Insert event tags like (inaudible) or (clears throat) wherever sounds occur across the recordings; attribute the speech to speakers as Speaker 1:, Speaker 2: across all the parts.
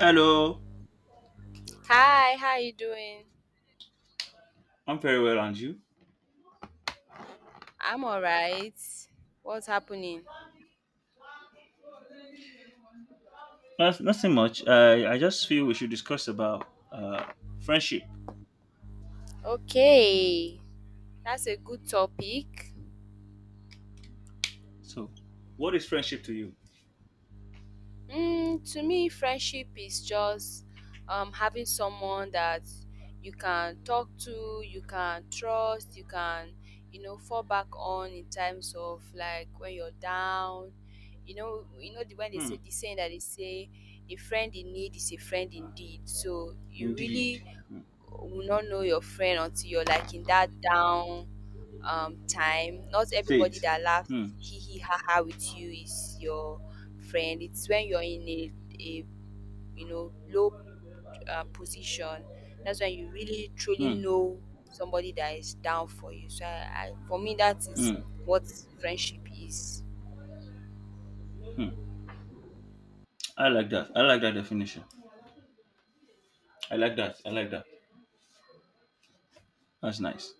Speaker 1: Hello,
Speaker 2: Hi, how you doing?
Speaker 1: I'm very well, and you?
Speaker 2: I'm all right. What's happening?
Speaker 1: Nothing much. I just feel we should discuss about friendship.
Speaker 2: Okay, that's a good topic.
Speaker 1: So, what is friendship to you?
Speaker 2: Mm, to me, friendship is just having someone that you can talk to, you can trust, you can, fall back on in times of like when you're down. You know the when they
Speaker 1: Hmm.
Speaker 2: say the saying that they say, a friend in need is a friend indeed. So you
Speaker 1: Indeed.
Speaker 2: really
Speaker 1: Hmm.
Speaker 2: will not know your friend until you're like in that down time. Not everybody
Speaker 1: State.
Speaker 2: that laughs
Speaker 1: Hmm.
Speaker 2: hee hee ha ha with you is your friend. It's when you're in a low position. That's when you really truly
Speaker 1: Hmm.
Speaker 2: know somebody that is down for you. So I, for me, that is
Speaker 1: Hmm.
Speaker 2: what friendship is.
Speaker 1: Hmm. I like that. I like that definition. I like that. I like that. That's nice.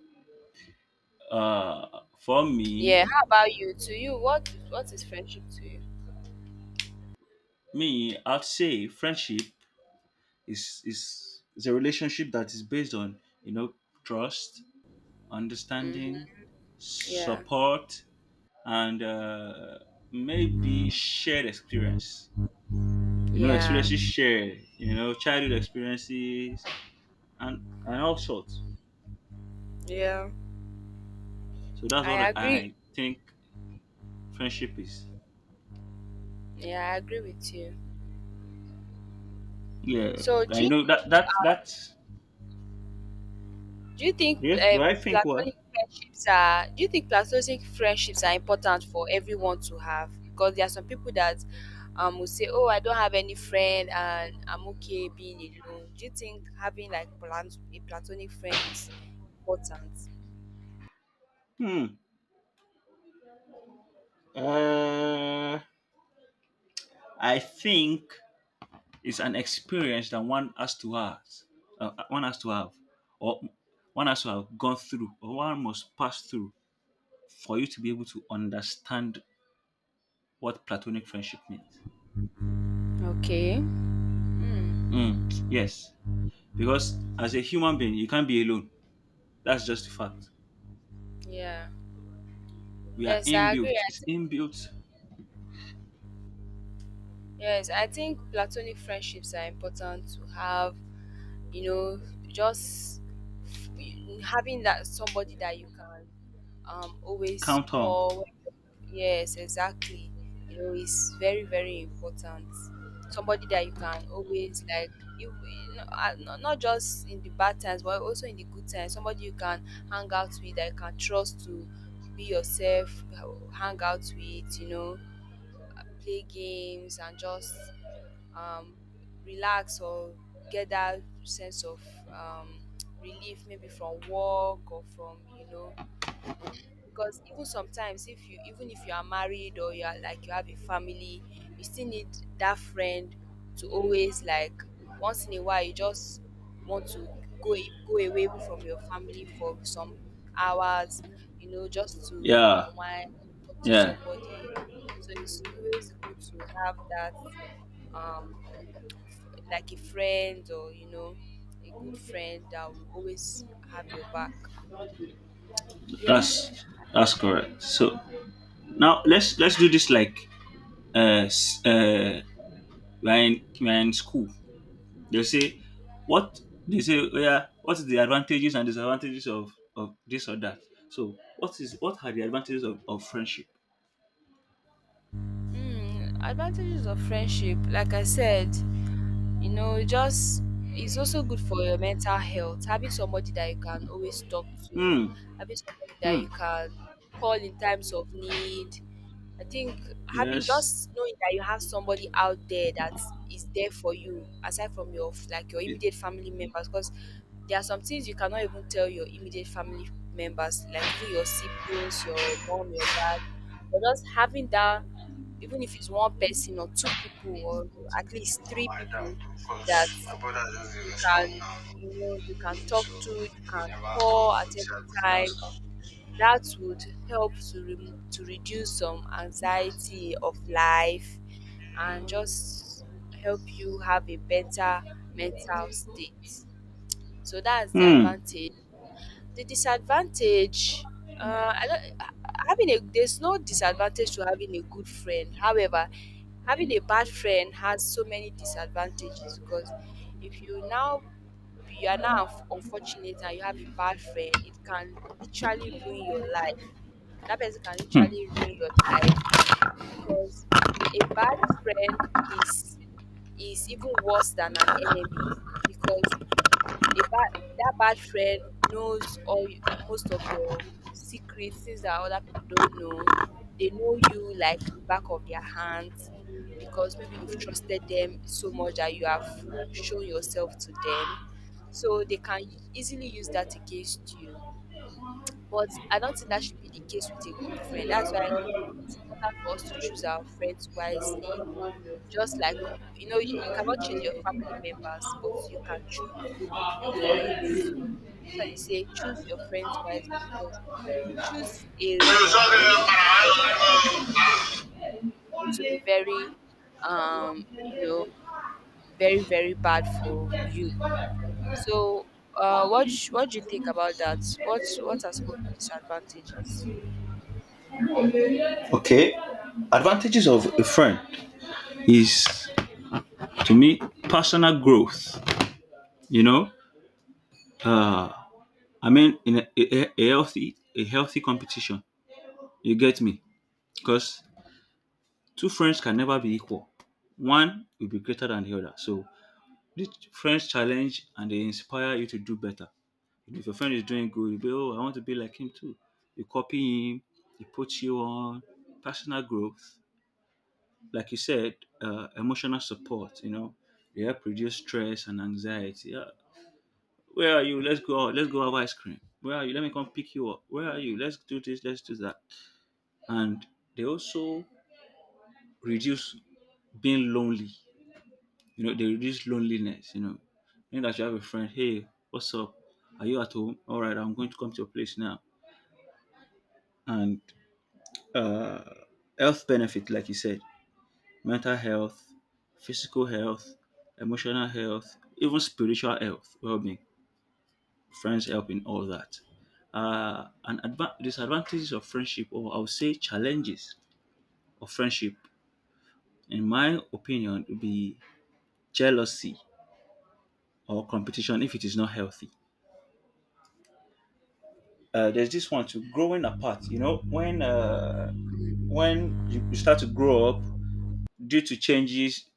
Speaker 1: Uh, for
Speaker 2: Yeah.
Speaker 1: me,
Speaker 2: How about you? To you, what is friendship to you?
Speaker 1: me, I'd say friendship is a relationship that is based on, you know, trust,
Speaker 2: Hmm.
Speaker 1: understanding,
Speaker 2: Yeah.
Speaker 1: support, and maybe shared experience. You know,
Speaker 2: Yeah.
Speaker 1: experiences shared. You know, childhood experiences and all sorts.
Speaker 2: Yeah.
Speaker 1: So that's
Speaker 2: I
Speaker 1: what
Speaker 2: agree.
Speaker 1: I think friendship is.
Speaker 2: Yeah, I agree with you.
Speaker 1: Yeah,
Speaker 2: So, do
Speaker 1: I
Speaker 2: you
Speaker 1: know that
Speaker 2: think
Speaker 1: that that.
Speaker 2: do you think
Speaker 1: Do,
Speaker 2: uh,
Speaker 1: do I think what?
Speaker 2: platonic friendships are important for everyone to have? Because there are some people that will say, "Oh, I don't have any friend, and I'm okay being alone." Do you think having like a platonic friend is important?
Speaker 1: Hmm. Uh, I think it's an experience that one has to have, uh, one has to have, or one has to have gone through, or one must pass through for you to be able to understand what platonic friendship means.
Speaker 2: Okay. Mm,
Speaker 1: Mm, yes, because as a human being, you can't be alone. That's just the fact.
Speaker 2: yeah.
Speaker 1: We are
Speaker 2: Yes, I agree.
Speaker 1: inbuilt.
Speaker 2: I
Speaker 1: It's
Speaker 2: think
Speaker 1: inbuilt.
Speaker 2: yes, I think platonic friendships are important to have. You know, just f- having that somebody that you can always
Speaker 1: Count on.
Speaker 2: call, when yes, exactly. You know, is very, very important. Somebody that you can always, like, you not, not just in the bad times but also in the good times. Somebody you can hang out with, that you can trust, to be yourself, hang out with. You know, play games and just um, relax, or get that sense of um, relief, maybe from work or from, you know, because even sometimes if you, even if you are married or you are like you have a family, you still need that friend to always, like, once in a while you just want to go away even from your family for some hours, you know, just to
Speaker 1: Yeah,
Speaker 2: unwind, talk to
Speaker 1: yeah.
Speaker 2: somebody. So it's always good to have that um like a friend, or, you know, a good friend that will always have your back. Yeah.
Speaker 1: That's that's correct. So now let's do this, like, uh s- uh we're in school. They say what they say. Oh, yeah, what is the advantages and disadvantages of this or that? So what is what are the advantages of friendship?
Speaker 2: Mm, advantages of friendship, like I said, you know, it just, it's also good for your mental health. Having somebody that you can always talk to,
Speaker 1: Hmm.
Speaker 2: having somebody that
Speaker 1: Hmm.
Speaker 2: you can call in times of need. I think having,
Speaker 1: Yes.
Speaker 2: just knowing that you have somebody out there that is there for you, aside from your like your immediate family members, because there are some things you cannot even tell your immediate family members, like even your siblings, your mom, your dad. But just having that, even if it's one person or two people or at least three
Speaker 1: My dad,
Speaker 2: people, that
Speaker 1: because my brother just
Speaker 2: you
Speaker 1: didn't
Speaker 2: can,
Speaker 1: respond now.
Speaker 2: you know, you can talk
Speaker 1: So
Speaker 2: to, you
Speaker 1: we
Speaker 2: can
Speaker 1: never talk.
Speaker 2: call at
Speaker 1: We see
Speaker 2: any
Speaker 1: how we see our
Speaker 2: time.
Speaker 1: stuff.
Speaker 2: That would help to to reduce some anxiety of life, and just help you have a better mental state. So that's the
Speaker 1: Hmm.
Speaker 2: advantage. The disadvantage, I don't, ha- having a, there's no disadvantage to having a good friend. However, having a bad friend has so many disadvantages, because if you now, you are now unfortunate and you have a bad friend, it can literally ruin your life. That person can
Speaker 1: Hmm.
Speaker 2: literally ruin your life because a bad friend is even worse than an enemy, because a bad that bad friend knows most of your secrets, things that other people don't know. They know you like the back of their hands, because maybe you've trusted them so much that you have shown yourself to them. So they can easily use that against you. But I don't think that should be the case with a good friend. That's why it's important for us to choose our friends wisely. Just like, you know, you cannot choose your family members, but you can choose your friends. So, so they say choose your friends wisely, because if you choose a wrong friend, it will be very, you know, very, very bad for you. So what do you think about that? What are some of the disadvantages?
Speaker 1: Okay. Advantages of a friend. Is, to me, personal growth. You know, uh, I mean, in a healthy, a healthy competition. You get me? Because two friends can never be equal. One will be greater than the other. So these friends challenge and they inspire you to do better. If your friend is doing good, you be, oh, I want to be like him too. You copy him, he puts you on personal growth. Like you said, emotional support, you know, they help reduce stress and anxiety. Yeah. Where are you? Let's go out. Let's go have ice cream. Where are you? Let me come pick you up. Where are you? Let's do this. Let's do that. And they also reduce being lonely. You know, they reduce loneliness, you know. You know that you have a friend, hey, what's up? Are you at home? All right, I'm going to come to your place now. And uh, health benefit, like you said, mental health, physical health, emotional health, even spiritual health, well-being. Friends help in all that. And adva- Disadvantages of friendship, or I would say challenges of friendship, in my opinion, would be jealousy or competition if it is not healthy. There's this one to growing apart. You know, when you start to grow up due to changes,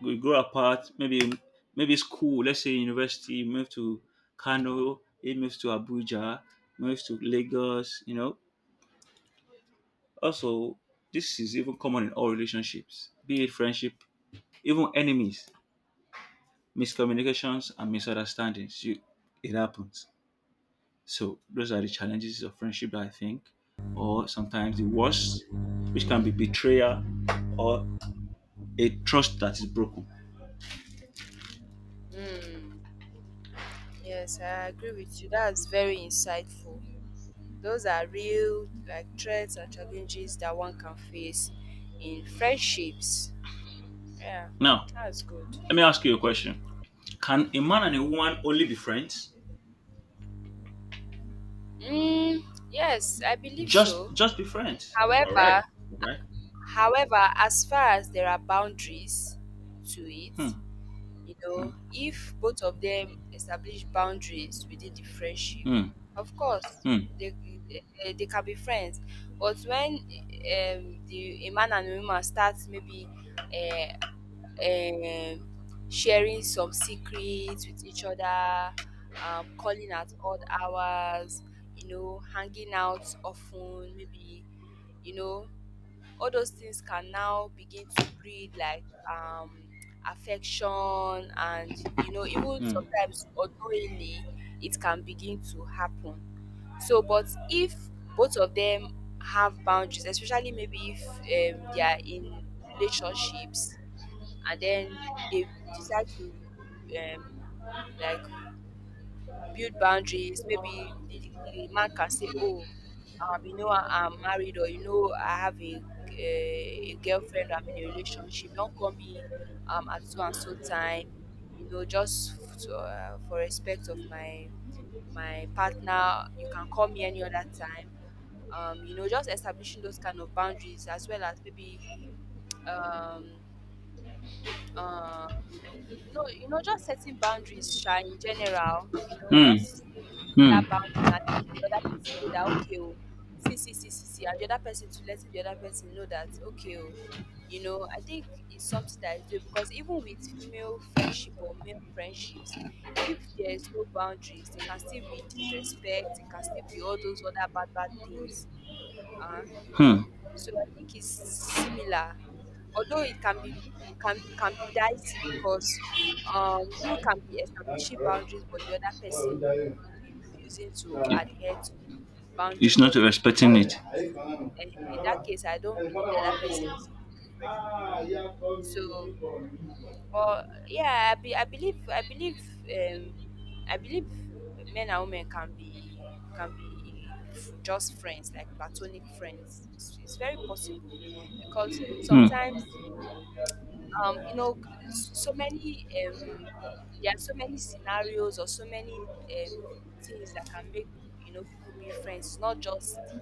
Speaker 1: we grow apart. Maybe maybe school, let's say university, move to Kano, it moves to Abuja, moves to Lagos. You know, also this is even common in all relationships, be it friendship, even enemies, miscommunications and misunderstandings. You, it happens. So those are the challenges of friendship that I think, or sometimes the worst, which can be
Speaker 2: Mm.
Speaker 1: betrayal or a trust that is broken.
Speaker 2: Mm, yes, I agree with you. That's very insightful. Those are real, like, threats and challenges that one can face in friendships. Yeah,
Speaker 1: Now,
Speaker 2: that's good.
Speaker 1: let me ask you a question. Can a man and a woman only be friends?
Speaker 2: Mm, yes, I believe so.
Speaker 1: Just be friends. All right.
Speaker 2: However,
Speaker 1: All right.
Speaker 2: however, as far as there are boundaries to it.
Speaker 1: Hmm.
Speaker 2: You
Speaker 1: Hmm.
Speaker 2: know, if both of them establish boundaries within the friendship,
Speaker 1: Hmm.
Speaker 2: of course
Speaker 1: Hmm.
Speaker 2: they, they can be friends. But when, the, a man and a woman start maybe, eh, um, sharing some secrets with each other, calling at odd hours, you know, hanging out often, maybe, you know, all those things can now begin to breed like um affection, and, you know, even sometimes unknowingly it can begin to happen. So but if both of them have boundaries, especially maybe if they are in relationships, and then they decide to, um, like, build boundaries. Maybe the man can say, "Oh, you know, I am married, or, you know, I have a girlfriend. I'm in a relationship. Don't call me at so and so time. You know, just for respect of my, my partner. You can call me any other time. You know, just establishing those kind of boundaries, as well as maybe um uh, you know, just setting boundaries, sha, in general, you know,
Speaker 1: Hmm.
Speaker 2: just
Speaker 1: Hmm.
Speaker 2: that
Speaker 1: Hmm.
Speaker 2: boundaries, and the other person know that, okay, oh, see, see, see, see, see, and the other person, to let the other person know that, okay, oh, you know, I think it's something that is doable, because even with female friendship or male friendships, if there is no boundaries, there can still be disrespect, there can still be all those other bad, bad things, you know.
Speaker 1: Hmm.
Speaker 2: So I think it's similar, although it can be, can be dicey because you can be establishing boundaries, but the other person will be refusing to
Speaker 1: Yeah.
Speaker 2: adhere to boundary.
Speaker 1: It's not
Speaker 2: But in that
Speaker 1: respecting it.
Speaker 2: case, in that case, I don't believe that that person is a good friend, you know. So, but yeah, I believe, um, I believe men and women can be, can be just friends, like platonic friends. It's very possible, because
Speaker 1: Hmm.
Speaker 2: sometimes, um, you know so many, there are so many scenarios or so many, um, things that can make, you know, people be friends. It's not just the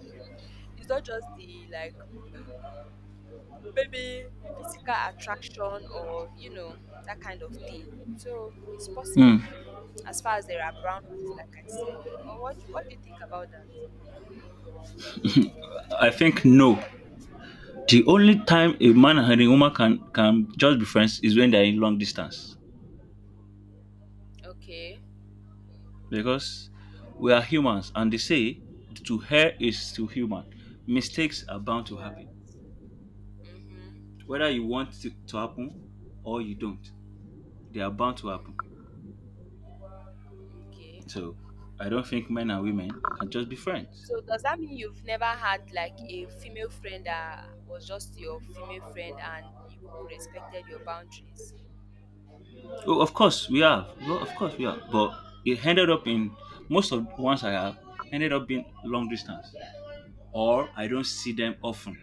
Speaker 2: it's not just the, like, maybe physical attraction, or, you know, that kind of thing. So it's
Speaker 1: Hmm.
Speaker 2: possible, as far as there are boundaries, like I said. Well, what do you think about that?
Speaker 1: I think no. The only time a
Speaker 2: Okay.
Speaker 1: man and a woman can just be friends is when they're in long distance.
Speaker 2: Okay.
Speaker 1: Because we are humans and they say to her is to human. Mistakes are bound to happen.
Speaker 2: Yes. Mm-hmm.
Speaker 1: Whether you want it to happen or you don't, they are bound to happen.
Speaker 2: Mm-hmm. Okay,
Speaker 1: So I don't think men and women can just be friends.
Speaker 2: so does that mean you've never had like a female friend that was just your female friend and you people respected your boundaries?
Speaker 1: Oh, of course we have. Well, of course we have. But it ended up in most of the ones I have ended up being long distance, or I don't see them often.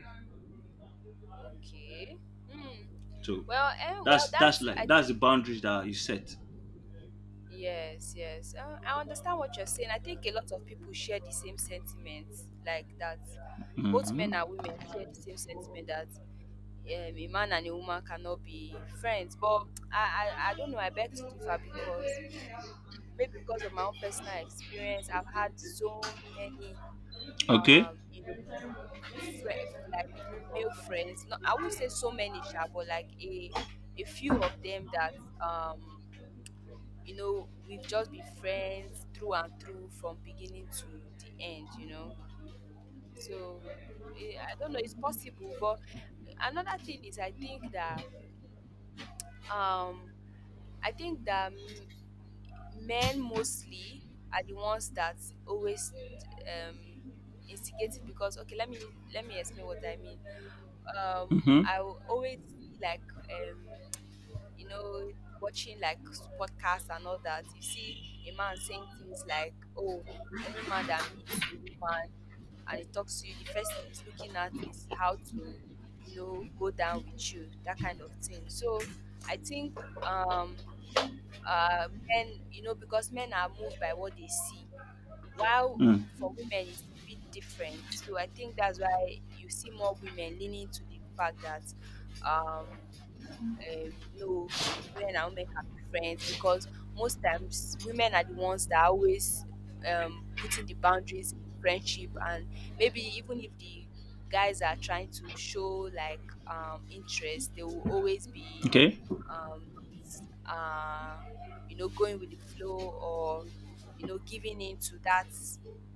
Speaker 2: Okay. Hmm.
Speaker 1: So
Speaker 2: Well, well,
Speaker 1: that's
Speaker 2: that's, I
Speaker 1: like that's the
Speaker 2: think,
Speaker 1: boundaries that you set.
Speaker 2: yes, yes. I understand what you're saying. I think a lot of people share the same sentiments like that. Both
Speaker 1: Hmm.
Speaker 2: men and women share the same sentiment that a man and a woman cannot be friends. But I don't know. I beg to differ, because (clears throat) maybe because of my own personal experience, I've had so many,
Speaker 1: Okay.
Speaker 2: you know, fri- like male friends. No, I would say so many, sha, but like a few of them that, um you know, we've just been friends through and through from beginning to the end, you know. So, I don't know, it's possible. But another thing is, I think that, um I think that m- men mostly are the ones that always, um, instigate it. Because, okay, let me explain what I mean.
Speaker 1: Hmm.
Speaker 2: I will always see, like, um you know, watching like podcasts and all that, you see a man saying things like, "Oh, any man that meets a woman and he talks to you, the first thing he's looking at is how to, you know, go down with you," that kind of thing. So I think, um, men, you know, because men are moved by what they see, while
Speaker 1: Mm.
Speaker 2: for women it's a bit different. So I think that's why you see more women leaning to the fact that. Um, no, men and women can be friends, because most times women are the ones that are always, putting the boundaries in friendship, and maybe even if the guys are trying to show like interest, they will always be,
Speaker 1: Okay.
Speaker 2: um, s- uh, you know, going with the flow, or, you know, giving in to that,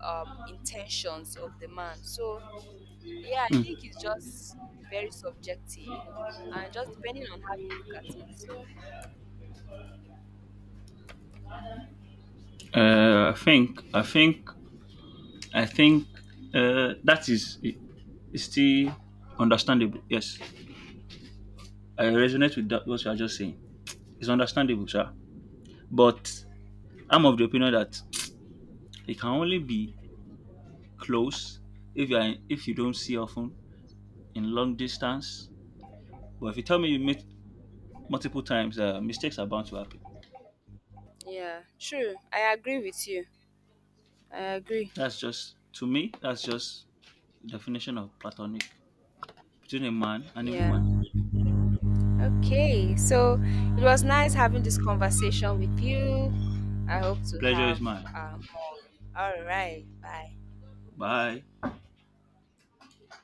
Speaker 2: intentions of the man. So yeah, I
Speaker 1: Mm.
Speaker 2: think it's just very subjective, and just depending on how you look at it. So,
Speaker 1: Uh, I think I think I think that is is still understandable. Yes, I resonate with that, what you are just saying. It's understandable, sir. But I'm of the opinion that it can only be close if you are, if you don't see often, in long distance. But if you tell me you meet multiple times, mistakes are bound to happen.
Speaker 2: yeah, true. I agree with you. I agree.
Speaker 1: That's just to me. That's just the definition of platonic between a man and a
Speaker 2: Yeah.
Speaker 1: woman.
Speaker 2: Okay. So, it was nice having this conversation with you. I hope to
Speaker 1: Pleasure
Speaker 2: have,
Speaker 1: is mine.
Speaker 2: um all right. Bye.
Speaker 1: Bye.